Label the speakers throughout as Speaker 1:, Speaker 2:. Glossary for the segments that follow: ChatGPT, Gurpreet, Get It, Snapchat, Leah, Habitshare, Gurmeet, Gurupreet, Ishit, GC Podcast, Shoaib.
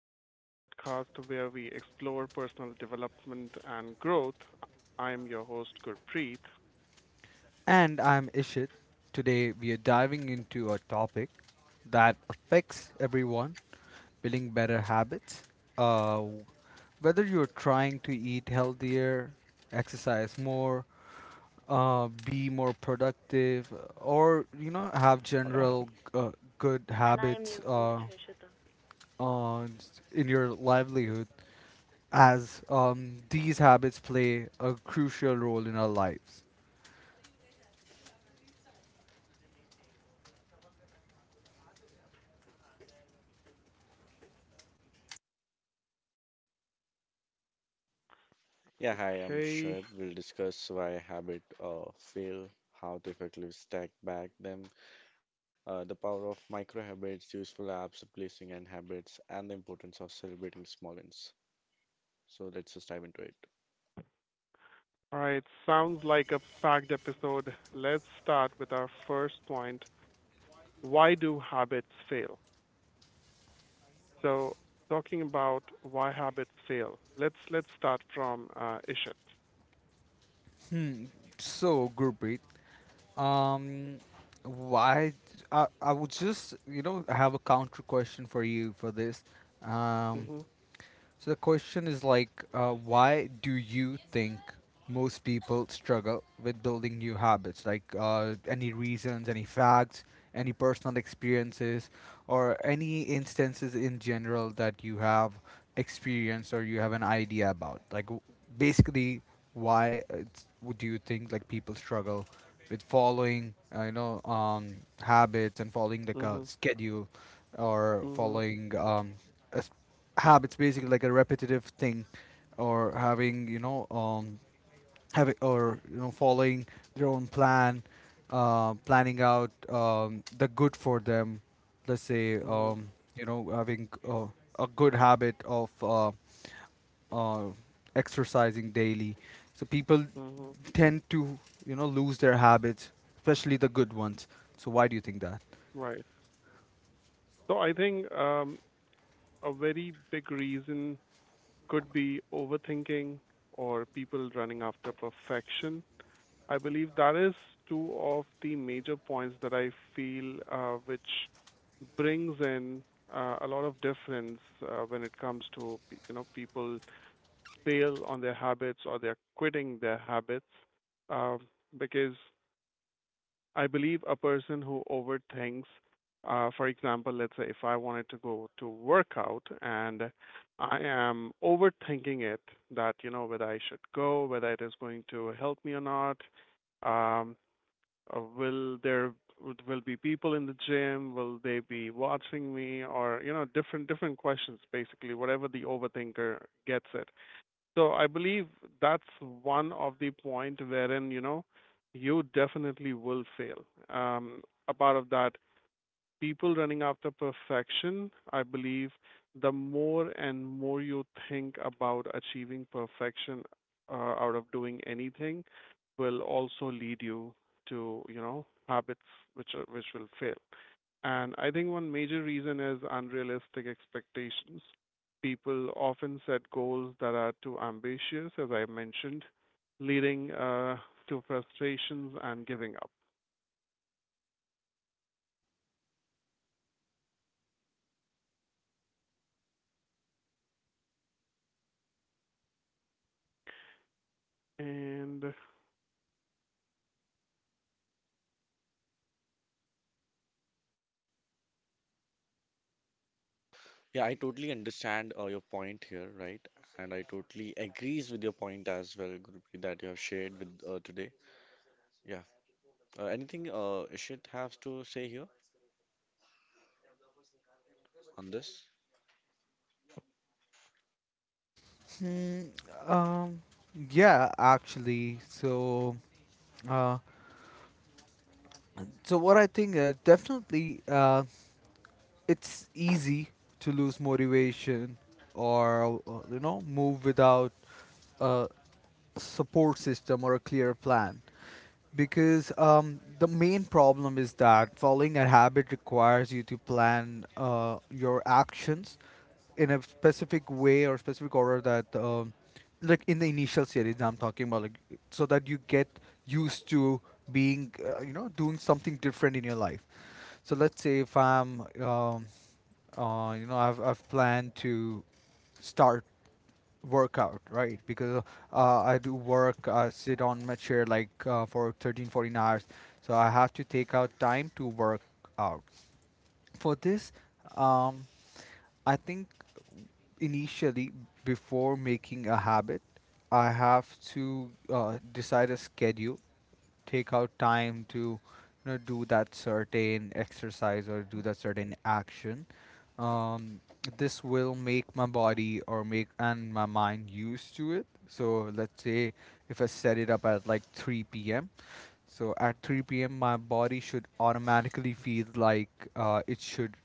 Speaker 1: GC Podcast, where we explore personal development and growth. I am your host, Gurpreet.
Speaker 2: And I'm Ishit. Today we are diving into a topic that affects everyone, building better habits. Uh, w- Whether you're trying to eat healthier, exercise more, be more productive, or have general good habits uh, in your livelihood, as these habits play a crucial role in our lives.
Speaker 3: Yeah, hi, I'm
Speaker 1: Okay.
Speaker 3: Shoaib. We'll discuss why habit fail, how to effectively stack back them, the power of micro habits, useful apps, replacing and habits, and the importance of celebrating small wins. So let's just dive into it.
Speaker 1: All right. Sounds like a packed episode. Let's start with our first point. Why do habits fail? So, talking about why habits fail. Let's start from Ishit.
Speaker 2: Hmm. So, Gurpreet. Um, why? I would just, you know, have a counter question for you for this. Um,
Speaker 1: Mhm.
Speaker 2: so the question is like, why do you think most people struggle with building new habits? Like, any reasons, any facts, any personal experiences, or any instances in general that you have experienced or you have an idea about? Basically, why it's, do you think like people struggle with following, habits and following like a
Speaker 1: Mhm.
Speaker 2: schedule, or
Speaker 1: Mhm.
Speaker 2: following a s- habits, basically like a repetitive thing, or having having, or following their own plan, planning out the good for them, let's say,
Speaker 1: Mhm.
Speaker 2: you know, having a good habit of uh exercising daily. So people
Speaker 1: Mhm.
Speaker 2: tend to, you know, lose their habits, especially the good ones. So why do you think that?
Speaker 1: Right. So I think a very big reason could be overthinking or people running after perfection. I believe that is two of the major points that I feel which brings in a lot of difference when it comes to you know people fail on their habits or they're quitting their habits, uh, because I believe a person who overthinks, for example, let's say if I wanted to go to work out and I am overthinking it that, you know, whether I should go, whether it is going to help me or not, um, will there will be people in the gym, will they be watching me or, you know, different questions basically, whatever the overthinker gets it. So I believe that's one of the point wherein, you know, you definitely will fail. Um, a part of that, people running after perfection, I believe the more and more you think about achieving perfection out of doing anything will also lead you to, you know, habits which are, which will fail. And I think one major reason is unrealistic expectations. People often set goals that are too ambitious, as I mentioned, leading to frustrations and giving up. And
Speaker 3: Yeah, I totally understand your point here, right? And I totally agrees with your point as well, Gurupreet, that you have shared with today. Yeah. Anything Ishit has to say here on this?
Speaker 2: Hmm, um yeah, actually so Uh, so what I think, definitely it's easy to lose motivation, or you know, move without a support system or a clear plan, because the main problem is that following a habit requires you to plan your actions in a specific way or specific order, that like in the initial series I'm talking about, like, so that you get used to being you know, doing something different in your life. So let's say if I'm you know, I've planned to start workout, right? Because I do work, I sit on my chair like for 13, 14 hours. So I have to take out time to work out. For this, um, I think initially, before making a habit, I have to decide a schedule, take out time to, you know, do that certain exercise or do that certain action. um, this will make my body or make and my mind used to it. So let's say if I set it up at like 3 p.m., so at 3 p.m. my body should automatically feel like it should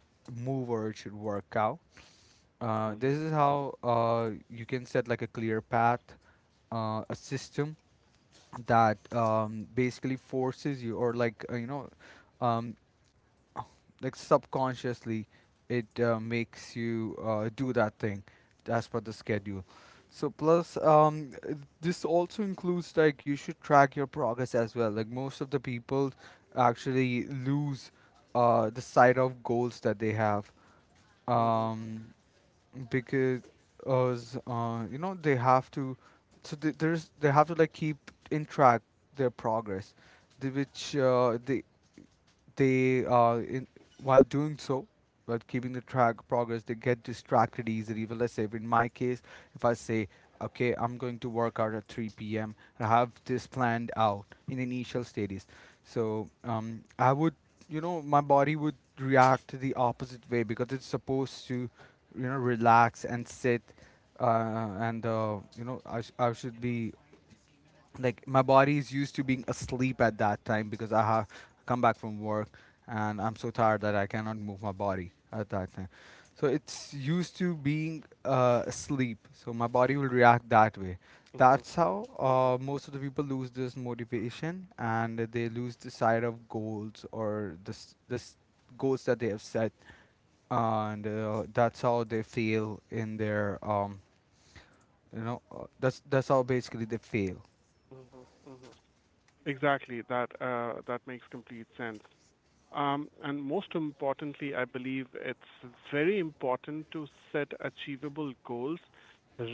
Speaker 2: move or it should work out. This
Speaker 1: mhm,
Speaker 2: is how you can set like a clear path, a system that basically forces you, or like, um, like subconsciously it makes you do that thing as per the schedule. So plus this also includes like you should track your progress as well. Like most of the people actually lose the sight of goals that they have,
Speaker 1: mhm,
Speaker 2: um, because us you know, they have to, so they have to like keep in track their progress, the, which they in, while doing so, while keeping the track progress, they get distracted easily. But let's say if in my case, if I say, okay, I'm going to work out at 3 p.m., and I have this planned out in initial stages, so I would, you know, my body would react the opposite way, because it's supposed to, you know, relax and sit, and you know, I should be, like my body is used to being asleep at that time, because I have come back from work and I'm so tired that I cannot move my body at that time. So it's used to being asleep. So my body will react that way.
Speaker 1: mhm,
Speaker 2: That's how
Speaker 1: mhm,
Speaker 2: most of the people lose this motivation, and they lose the sight of goals, or goals that they have set, and that's how they fail in their that's how basically they fail.
Speaker 1: mhm, mhm. exactly that that makes complete sense. And most importantly, I believe it's very important to set achievable goals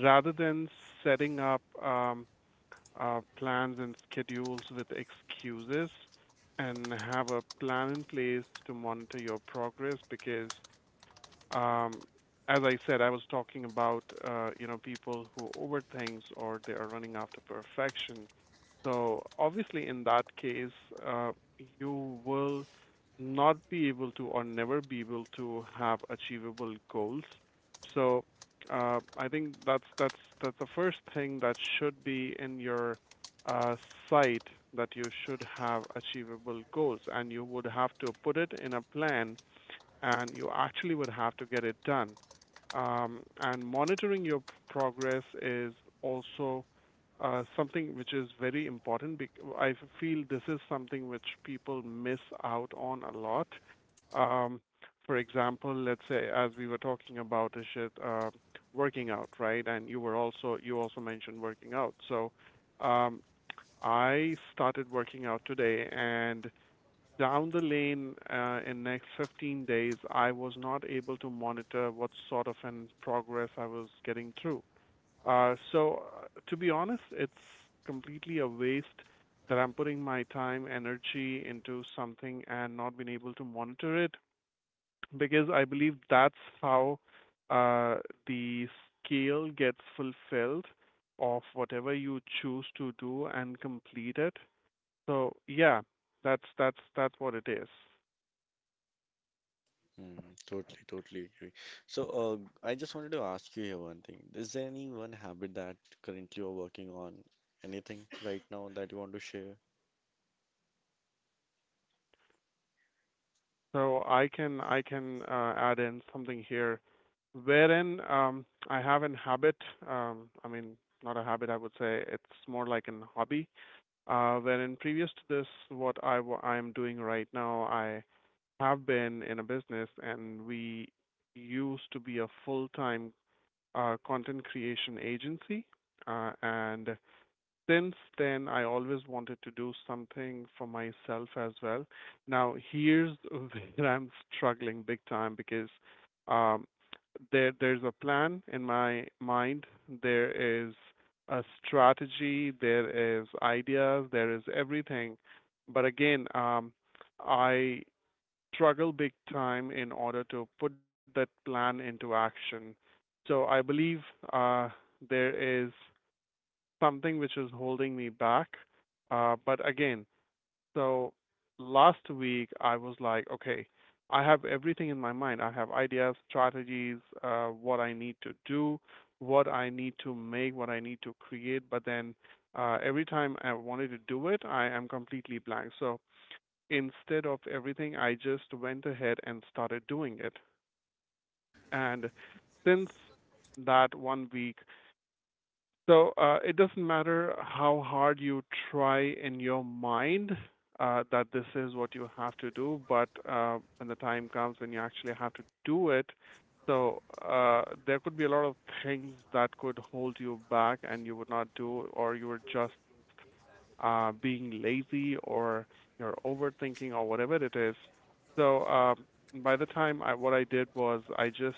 Speaker 1: rather than setting up plans and schedules with excuses and have a plan in place to monitor your progress because um as I said, I was talking about you know people who overthink or they are running after perfection, so obviously, in that case, uh, you will not be able to or never be able to have achievable goals. So I think that's the first thing that should be in your uh, sight, that you should have achievable goals, and you would have to put it in a plan and you actually would have to get it done. And monitoring your progress is also something which is very important. I feel this is something which people miss out on a lot. Um, for example, let's say as we were talking about Ishit, working out, right? And you also mentioned working out. So um, I started working out today, and down the lane, in next 15 days, I was not able to monitor what sort of an progress I was getting through. So, to be honest, it's completely a waste that I'm putting my time, energy into something and not being able to monitor it because I believe that's how uh, the scale gets fulfilled of whatever you choose to do and complete it. So yeah, that's what it is.
Speaker 3: Mm, totally, totally agree. So, I just wanted to ask you here one thing. Is there any one habit that currently you're working on? Anything right now that you want to share?
Speaker 1: So I can add in something here, wherein I have an habit. I mean, not a habit. I would say it's more like an hobby. Wherein previous to this, what I am doing right now, I have been in a business, and we used to be a full-time content creation agency, and since then, I always wanted to do something for myself as well. Now, here's where I'm struggling big time because um, there's a plan in my mind. There is a strategy. There is ideas. There is everything. But again, I struggle big time in order to put that plan into action. So I believe uh, there is something which is holding me back. But again, so last week I was like, okay, I have everything in my mind. I have ideas, strategies, what I need to do, what I need to make, what I need to create. But then every time I wanted to do it, I am completely blank. So instead of everything, I just went ahead and started doing it. And since that one week, so it doesn't matter how hard you try in your mind that this is what you have to do, but when the time comes when you actually have to do it, so there could be a lot of things that could hold you back and you would not do, or you were just being lazy or you're overthinking or whatever it is. So by the time I what I did was I just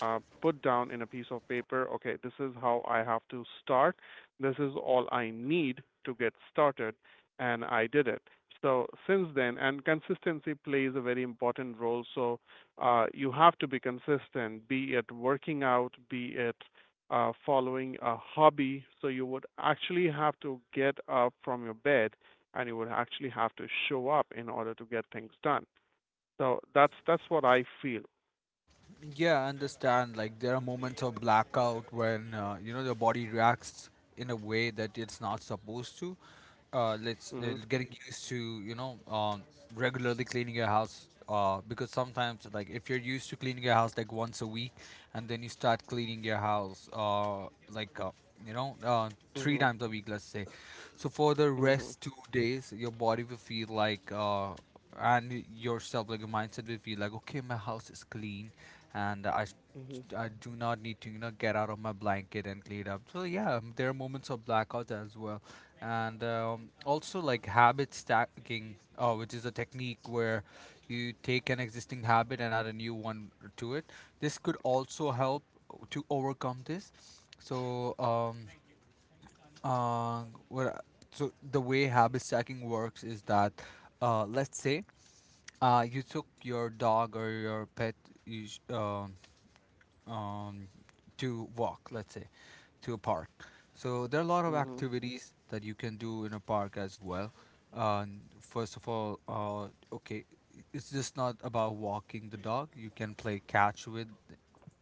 Speaker 1: put down in a piece of paper, okay, this is how I have to start. This is all I need to get started, and I did it. So since then, and consistency plays a very important role. So you have to be consistent, be it working out, be it following a hobby. So you would actually have to get up from your bed, and you would actually have to show up in order to get things done. So that's what I feel.
Speaker 2: Yeah, I understand. Like, there are moments of blackout when, you know, the body reacts in a way that it's not supposed to. Let's
Speaker 1: Mhm.
Speaker 2: Getting used to, you know, regularly cleaning your house, because sometimes like, if you're used to cleaning your house like once a week, and then you start cleaning your house three
Speaker 1: Mhm.
Speaker 2: times a week, let's say. So for the
Speaker 1: Mhm.
Speaker 2: rest 2 days, your body will feel like and yourself, like your mindset will feel like, okay, my house is clean and
Speaker 1: Mhm.
Speaker 2: I do not need to, you know, get out of my blanket and clean up. So yeah, there are moments of blackout as well. And also like habit stacking, which is a technique where you take an existing habit and add a new one to it. This could also help to overcome this. So uh what I- so the way habit stacking works is that, let's say you took your dog or your pet, you sh- um, um, to walk, let's say, to a park. So there are a lot of
Speaker 1: Mhm.
Speaker 2: activities that you can do in a park as well. First of all, okay, it's just not about walking the dog. You can play catch with,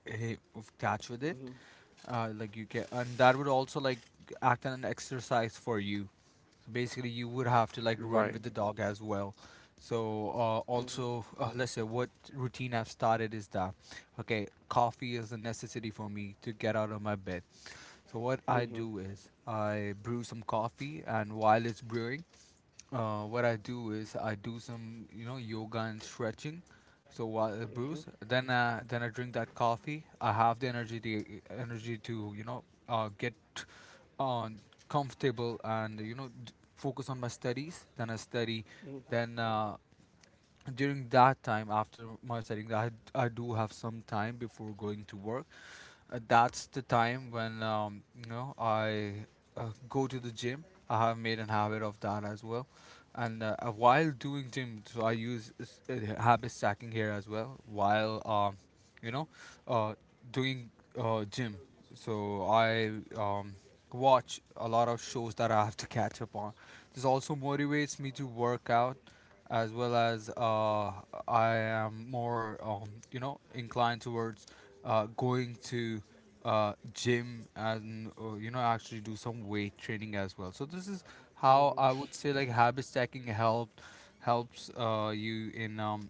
Speaker 2: eh, of catch with it.
Speaker 1: Mhm.
Speaker 2: Like you can, and that would also like act as an exercise for you. So basically you would have to like run
Speaker 1: Right.
Speaker 2: with the dog as well. So
Speaker 1: Mhm.
Speaker 2: also let's say what routine I've started is that, okay, coffee is a necessity for me to get out of my bed. So what I
Speaker 1: Mhm.
Speaker 2: do is I brew some coffee, and while it's brewing, what I do is I do some, you know, yoga and stretching. So while it
Speaker 1: Mhm.
Speaker 2: brews, then I drink that coffee. I have the energy to, you know, get uh, comfortable and, you know, focus on my studies. Then I study.
Speaker 1: Mhm.
Speaker 2: Then during that time after my studying, I do have some time before going to work. That's the time when, you know, I go to the gym. I have made an habit of that as well. And while doing gym, so I use habit stacking here as well, while you know, uh, doing gym. So I um, watch a lot of shows that I have to catch up on. This also motivates me to work out, as well as I am more, you know, inclined towards going to gym, and you know, actually do some weight training as well. So this is how I
Speaker 1: Mhm.
Speaker 2: would say like habit stacking helped helps you in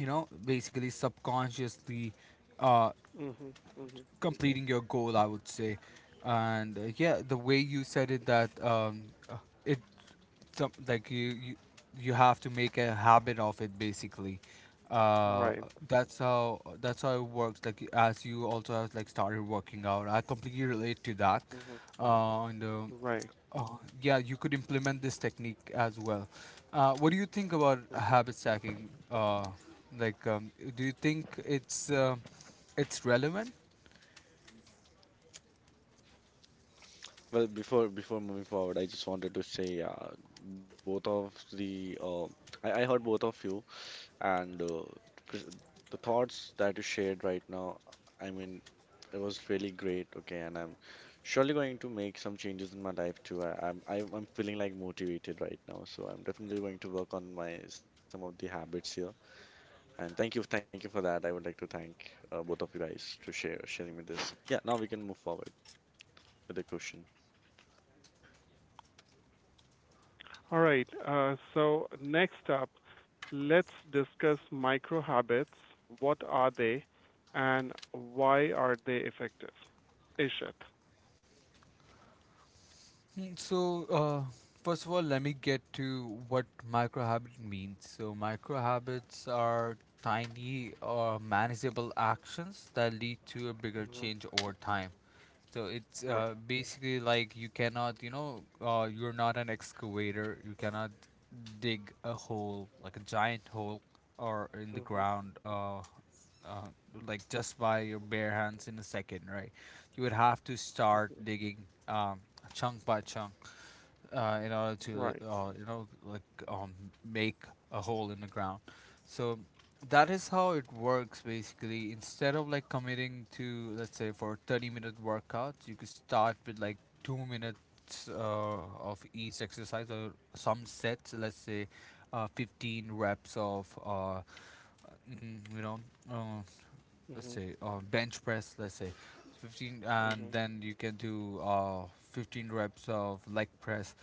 Speaker 2: you know, basically subconsciously uh,
Speaker 1: Mhm. Mhm.
Speaker 2: completing your goal, I would say. And yeah, the way you said it, that uh, it some like you have to make a habit of it basically, uh
Speaker 1: Right.
Speaker 2: that's how, it works. Like, as you also have like started working out, I completely relate to that.
Speaker 1: Mhm.
Speaker 2: And
Speaker 1: Right.
Speaker 2: Oh, yeah, you could implement this technique as well. Uh, what do you think about
Speaker 1: Mhm.
Speaker 2: habit stacking? Like um, do you think it's relevant?
Speaker 3: Well, before moving forward, I just wanted to say, both of the I heard both of you. And pres- the thoughts that you shared right now, I mean, it was really great. Okay, and I'm surely going to make some changes in my life too. I'm feeling like motivated right now, so I'm definitely going to work on my some of the habits here. And thank you for that. I would like to thank both of you guys to share sharing with this. Yeah, now we can move forward with the question.
Speaker 1: All right. So next up, let's discuss micro habits. What are they, and why are they effective? Ishit.
Speaker 2: Mm, So, uh, First of all, let me get to what micro habit means. So, micro habits are tiny or manageable actions that lead to a bigger
Speaker 1: Mhm.
Speaker 2: change over time. So it's
Speaker 1: Right.
Speaker 2: basically like, you cannot, you know, you're not an excavator. You cannot dig a hole, like a giant hole, or in the
Speaker 1: Mhm.
Speaker 2: ground, uh, like just by your bare hands in a second, right? You would have to start
Speaker 1: Mhm.
Speaker 2: digging, chunk by chunk, in order to,
Speaker 1: Right.
Speaker 2: um, make a hole in the ground. So that is how it works basically. Instead of like committing to, let's say, for 30-minute workouts, you could start with like 2 minutes of each exercise, or some sets, let's say 15 reps of mhm, you know, uh, let's say bench press, let's say 15, and
Speaker 1: Mhm.
Speaker 2: then you can do 15 reps of leg press.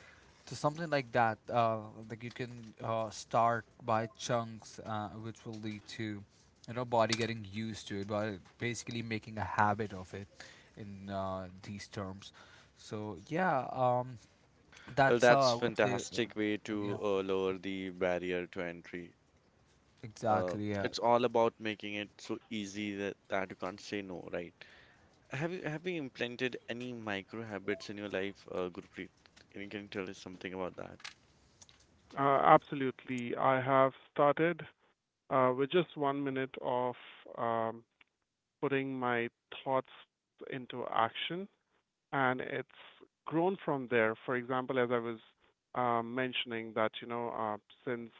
Speaker 2: So something like that, like you can start by chunks, which will lead to, you know, body getting used to it, but basically making a habit of it in these terms. So yeah,
Speaker 3: Well,
Speaker 2: that's how
Speaker 3: that's
Speaker 2: I would say.
Speaker 3: fantastic way
Speaker 2: Yeah,
Speaker 3: to lower the barrier to entry. Uh,
Speaker 2: exactly, yeah.
Speaker 3: it's all about making it so easy that, that you can't say no, right? Have you implemented any micro habits in your life, Gurpreet? Can you tell us something about that?
Speaker 1: Absolutely. I have started with just 1 minute of um, putting my thoughts into action, and it's grown from there. For example, as I was mentioning that, you know, since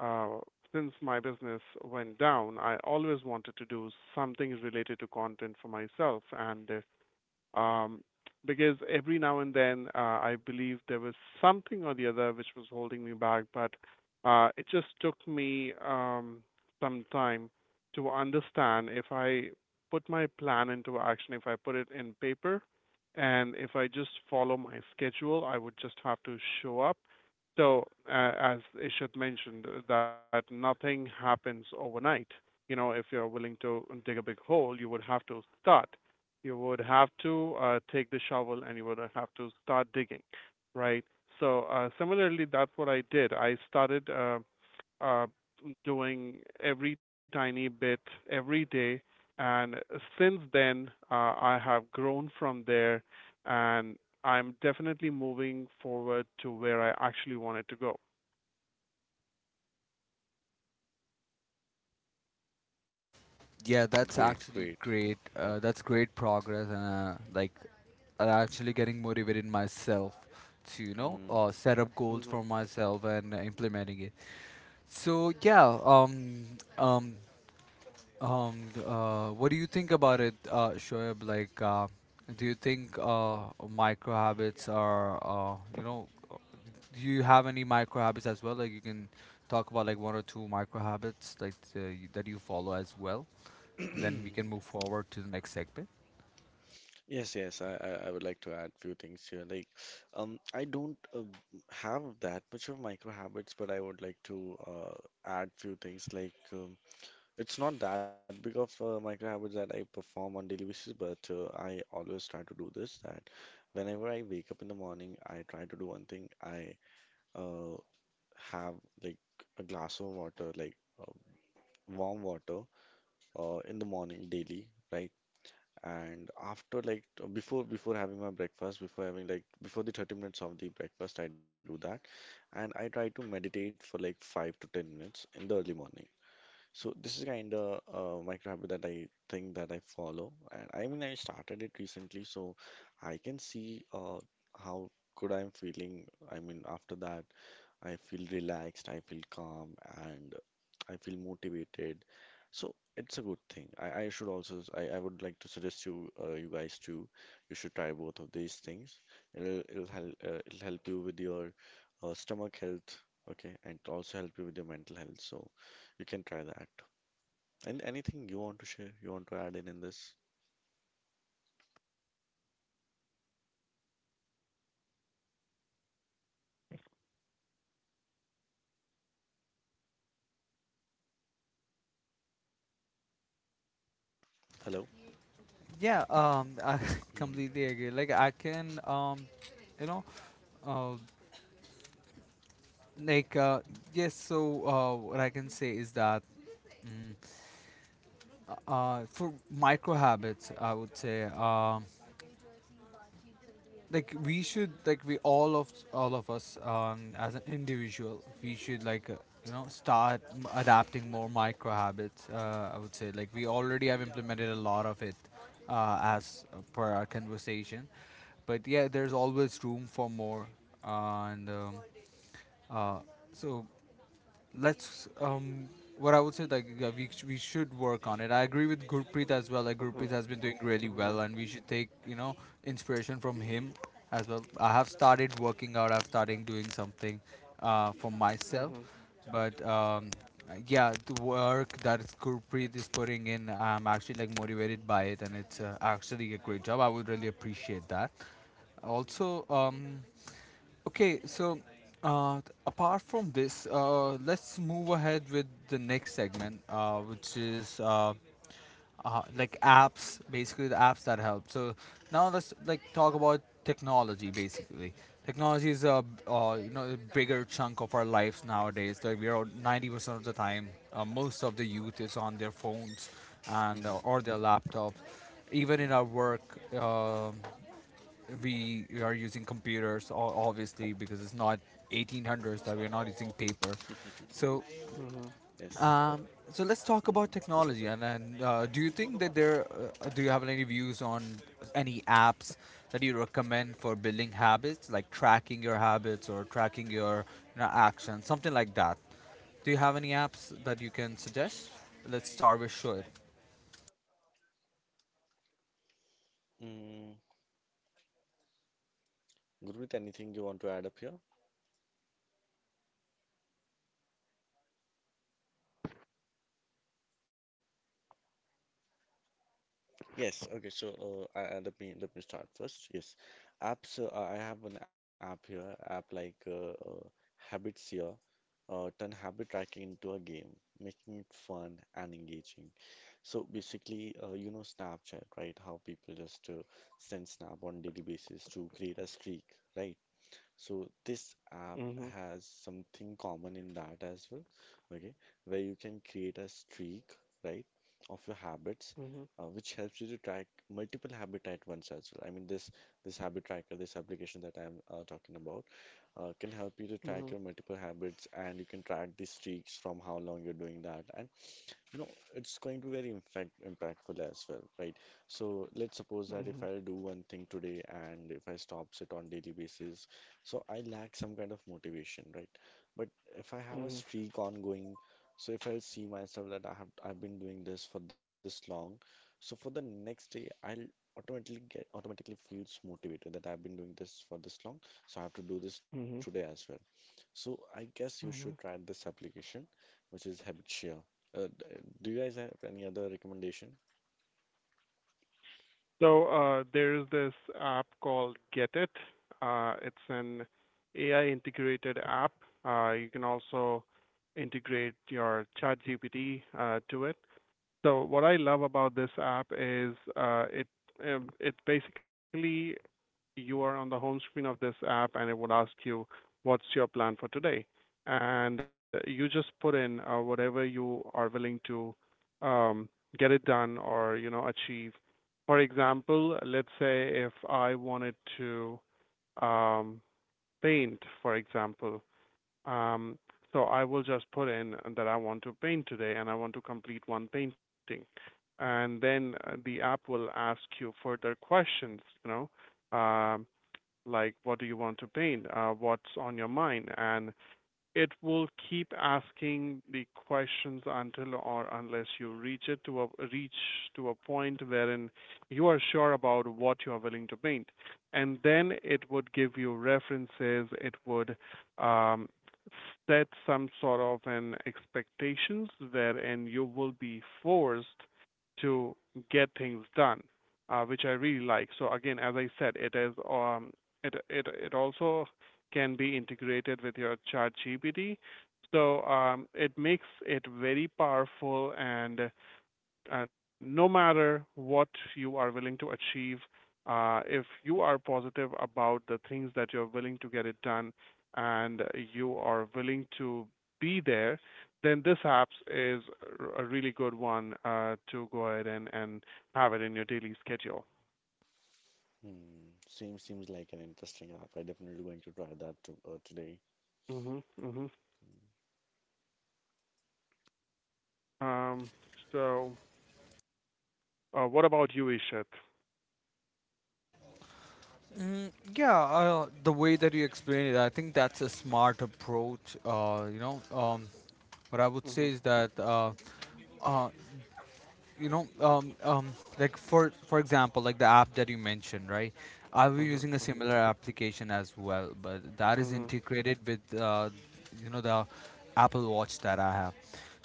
Speaker 1: uh, since my business went down, I always wanted to do something related to content for myself, and um, because every now and then I believe there was something or the other which was holding me back, but it just took me some time to understand if I put my plan into action, if I put it in paper, and if I just follow my schedule, I would just have to show up. So, as Ishad mentioned, that nothing happens overnight. You know, if you're willing to dig a big hole, you would have to take the shovel and you would have to start digging, right? So similarly, that's what I did. I started uh, doing every tiny bit every day, and since then I have grown from there, and I'm definitely moving forward to where I actually wanted to go.
Speaker 2: Yeah,
Speaker 3: Great,
Speaker 2: that's
Speaker 3: great.
Speaker 2: actually great.
Speaker 3: Yeah.
Speaker 2: That's great progress, and like, I'm actually getting motivated myself to, you know, set up goals for
Speaker 1: Mhm.
Speaker 2: myself and implementing it. So yeah, um, um, what do you think about it, Shoaib? Like, do you think micro habits are you know? Do you have any micro habits as well? Like, you can talk about like one or two micro habits that you follow as well, and then we
Speaker 3: Mhm.
Speaker 2: can move forward to the next segment.
Speaker 3: Yes, yes. I would like to add few things here. Like, I don't have that much of micro habits, but I would like to uh, add few things like. It's not that big of a micro habits that I perform on daily basis, but I always try to do this that whenever I wake up in the morning, I try to do one thing. I uh, have like a glass of water, like warm water, in the morning daily, right? And before having my breakfast, before having like before the 30 minutes of the breakfast, I do that, and I try to meditate for like five to 10 minutes in the early morning. So this is kind of a micro habit that I think that I follow, and I mean I started it recently, so I can see how good I'm feeling. I mean after that, I feel relaxed, I feel calm, and I feel motivated. So it's a good thing. I should also I would like to suggest you you guys too. You should try both of these things. It'll help it'll help you with your stomach health, okay, and it'll also help you with your mental health. So you can try that. And anything you want to share, you want to add in this? Hello.
Speaker 2: Yeah, I
Speaker 3: Hmm.
Speaker 2: completely agree. Like I can, you know, uh, like uh, yes. So what I can say is that mm, for micro habits, I would say like we should like we all of us as an individual we should start adapting more micro habits. I would say like we already have implemented a lot of it as per our conversation, but yeah, there's always room for more. And um, uh, so let's um what I would say like, yeah, we we should work on it. I agree with Gurpreet as well. Like Gurpreet
Speaker 1: Mhm.
Speaker 2: has been doing really well,
Speaker 1: Mhm.
Speaker 2: and we should take, you know, inspiration from him as well. I have started working out. I've started doing something for myself,
Speaker 1: Mhm.
Speaker 2: but yeah, the work that Gurpreet is putting in, I'm actually like motivated by it, and it's actually a great job. I would really appreciate that. Also, okay, so apart from this, let's move ahead with the next segment, which is like apps, basically the apps that help. So now let's like talk about technology, basically. Technology is a you know, a bigger chunk of our lives nowadays. Like we are 90% of the time, most of the youth is on their phones and
Speaker 3: Hmm.
Speaker 2: or their laptop. Even in
Speaker 3: Hmm.
Speaker 2: our work, we are using computers obviously, because it's not 1800s that we're not using paper. So
Speaker 1: Mhm.
Speaker 3: Yes.
Speaker 2: um, so let's talk about
Speaker 3: Hmm.
Speaker 2: technology, and then do you think that there do you have any views on any apps that you recommend for building habits, like tracking your habits or tracking your, you know, actions, something like that? Do you have any apps that you can suggest? Let's start with Shoaib.
Speaker 3: Mm. Gurmeet, anything you want to add up here? Yes, okay, so let me start first. Yes, apps. I have an app here, app like Habits here. Turn habit tracking into a game, making it fun and engaging. So basically, you know Snapchat, right? How people just send snap on daily basis to create a streak, right? So this app
Speaker 1: Mhm.
Speaker 3: has something common in that as well, okay, where you can create a streak, right, of your habits,
Speaker 1: Mhm.
Speaker 3: which helps you to track multiple habit at once as well. I mean, this habit tracker, this application that I'm talking about, can help you to track
Speaker 1: Mhm.
Speaker 3: your multiple habits, and you can track the streaks from how long you're doing that, and you know it's going to be very impactful as well, right? So let's suppose that if
Speaker 1: Mhm.
Speaker 3: I do one thing today and if I stops it on daily basis, so I lack some kind of motivation, right? But if I
Speaker 1: Mhm.
Speaker 3: have a
Speaker 1: Mhm.
Speaker 3: streak ongoing, so if I see myself that I've been doing this for this long, so for the next day I'll automatically feels motivated that I've been doing this for this long, so I have to do this
Speaker 1: Mhm.
Speaker 3: today as well. So I guess
Speaker 1: mhm,
Speaker 3: you should try this application, which is Habitshare. Uh, d- do you guys have any other recommendation?
Speaker 1: So there's this app called Get It. It's an AI integrated app. You can also integrate your ChatGPT to it. So what I love about this app is it basically you are on the home screen of this app and it would ask you, what's your plan for today? And you just put in whatever you are willing to um, get it done or, you know, achieve. For example, let's say if I wanted to um, paint, for example, um, so I will just put in that I want to paint today and I want to complete one painting. And then the app will ask you further questions, you know, like what do you want to paint, what's on your mind, and it will keep asking the questions until or unless you reach it to a reach to a point wherein you are sure about what you are willing to paint. And then it would give you references, it would um, set some sort of an expectations wherein you will be forced to get things done, which I really like. So again, as I said, it is it also can be integrated with your ChatGPT. So it makes it very powerful, and no matter what you are willing to achieve, if you are positive about the things that you're willing to get it done, and you are willing to be there, then this apps is a really good one to go ahead and have it in your daily schedule.
Speaker 3: Hmm, seems like an interesting app. I definitely going to try that to, today.
Speaker 1: hmm hmm Um, so, what about you, Ishit?
Speaker 2: Yeah, the way that you explained it, I think that's a smart approach. What I would
Speaker 1: Mm-hmm.
Speaker 2: say is that uh, you know, um, um, like for example, like the app that you mentioned, right? I've been
Speaker 1: Mhm,
Speaker 2: using a
Speaker 1: mhm,
Speaker 2: similar application as well, but that is
Speaker 1: mhm.
Speaker 2: integrated with, you know, the Apple Watch that I have.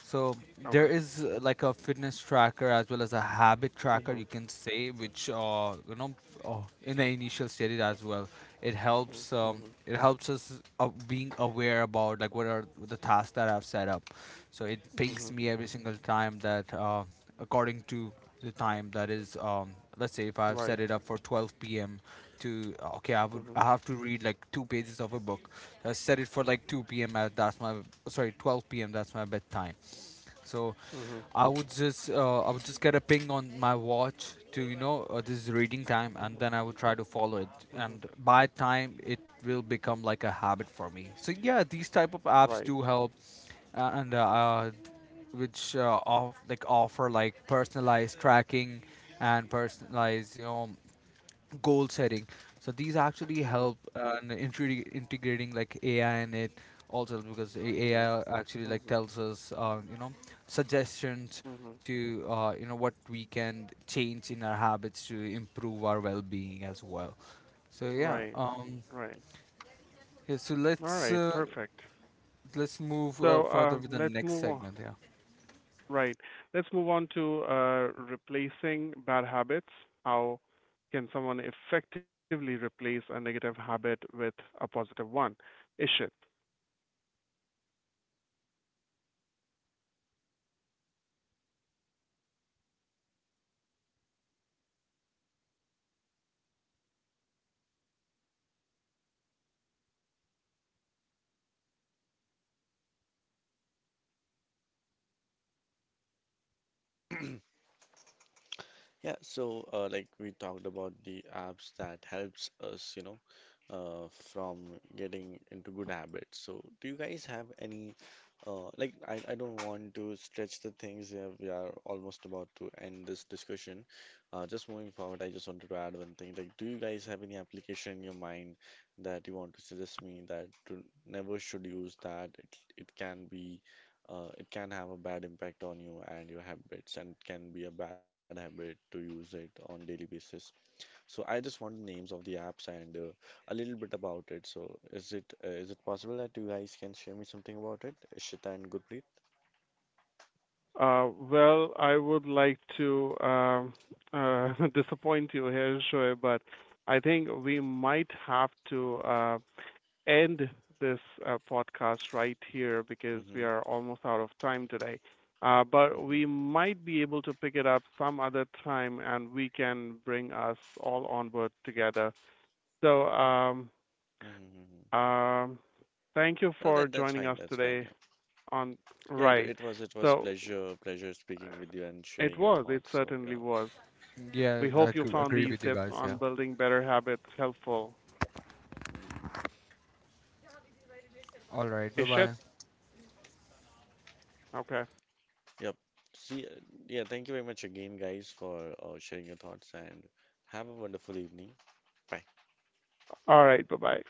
Speaker 2: So there
Speaker 1: Okay.
Speaker 2: is, like a fitness tracker as well as a habit tracker, you
Speaker 1: Mhm,
Speaker 2: can say, which, you know, in the initial stages as well, it
Speaker 1: mhm,
Speaker 2: helps.
Speaker 1: mhm,
Speaker 2: It helps us being aware about like what are the tasks that I've set up. So it pings
Speaker 1: mhm,
Speaker 2: me every
Speaker 1: mm.
Speaker 2: single time that, according to the time that is, let's say if I've
Speaker 1: Right.
Speaker 2: set it up for 12 p.m. to, okay, i would
Speaker 1: Mhm,
Speaker 2: i have to read like two pages of a book, I set it for like 2 p.m., as that's my, sorry, 12 p.m., that's my bedtime. So
Speaker 1: mhm,
Speaker 2: I would just get a ping on my watch to, you know, this is reading time, and
Speaker 1: mhm,
Speaker 2: then I would try to follow it.
Speaker 1: mhm.
Speaker 2: And by time, it will become like a habit for me. So yeah, these type of apps
Speaker 1: Right.
Speaker 2: do help, and which offer like personalized tracking and personalized, you know, goal setting. So these actually
Speaker 1: Mhm,
Speaker 2: help in integrating like AI in it also, because
Speaker 1: mhm,
Speaker 2: AI actually like
Speaker 1: mhm,
Speaker 2: tells us, you know, suggestions
Speaker 1: mhm.
Speaker 2: to, you know, what we can change in our habits to improve our well-being as well. So yeah,
Speaker 1: Right. Right.
Speaker 2: yeah. So
Speaker 1: All
Speaker 2: let's
Speaker 1: right.
Speaker 2: uh,
Speaker 1: Perfect.
Speaker 2: let's move
Speaker 1: So
Speaker 2: further with the
Speaker 1: let's
Speaker 2: next
Speaker 1: move on.
Speaker 2: segment. Yeah,
Speaker 1: Right. Let's move on to replacing bad habits. How can someone effectively replace a negative habit with a positive one? Ishit.
Speaker 3: Yeah, so like we talked about the apps that helps us, you know, from getting into good habits. So do you guys have any like I don't want to stretch the things here. We are almost about to end this discussion. Just moving forward, I just wanted to add one thing. Like, do you guys have any application in your mind that you want to suggest me that to never should use that? It can be it can have a bad impact on you and your habits and can be a bad habit to use it on daily basis. So I just want the names of the apps, and a little bit about it. So is it possible that you guys can share me something about it, Ishita and Gurpreet?
Speaker 1: Well, I would like to disappoint you here, Shoaib, but I think we might have to end this podcast right here because we
Speaker 3: Mm-hmm,
Speaker 1: are almost out of time today. But
Speaker 3: mm-hmm,
Speaker 1: we might be able to pick it up some other time, and we can bring us all on board together. So,
Speaker 3: mm-hmm.
Speaker 1: um, thank you
Speaker 3: Well,
Speaker 1: for
Speaker 3: that's
Speaker 1: joining
Speaker 3: fine,
Speaker 1: us
Speaker 3: that's fine.
Speaker 1: today
Speaker 3: Yeah,
Speaker 1: on
Speaker 3: yeah, it,
Speaker 1: Right.
Speaker 3: it was, it was
Speaker 1: So,
Speaker 3: pleasure pleasure speaking with you and
Speaker 1: it
Speaker 3: sharing your
Speaker 1: was, it
Speaker 3: thoughts. So
Speaker 1: certainly
Speaker 3: yeah,
Speaker 1: was.
Speaker 2: yeah.
Speaker 1: We
Speaker 2: I
Speaker 1: hope you
Speaker 2: agree,
Speaker 1: found
Speaker 2: agree
Speaker 1: these
Speaker 2: with you
Speaker 1: tips
Speaker 3: definitely.
Speaker 2: guys. Yeah.
Speaker 1: on building better habits helpful.
Speaker 3: Hmm.
Speaker 2: All right. Bye
Speaker 1: Ishit?
Speaker 2: bye.
Speaker 1: Okay.
Speaker 3: Yep. See, yeah, thank you very much again, guys, for sharing your thoughts and have a wonderful evening. Bye.
Speaker 1: All right. Bye bye.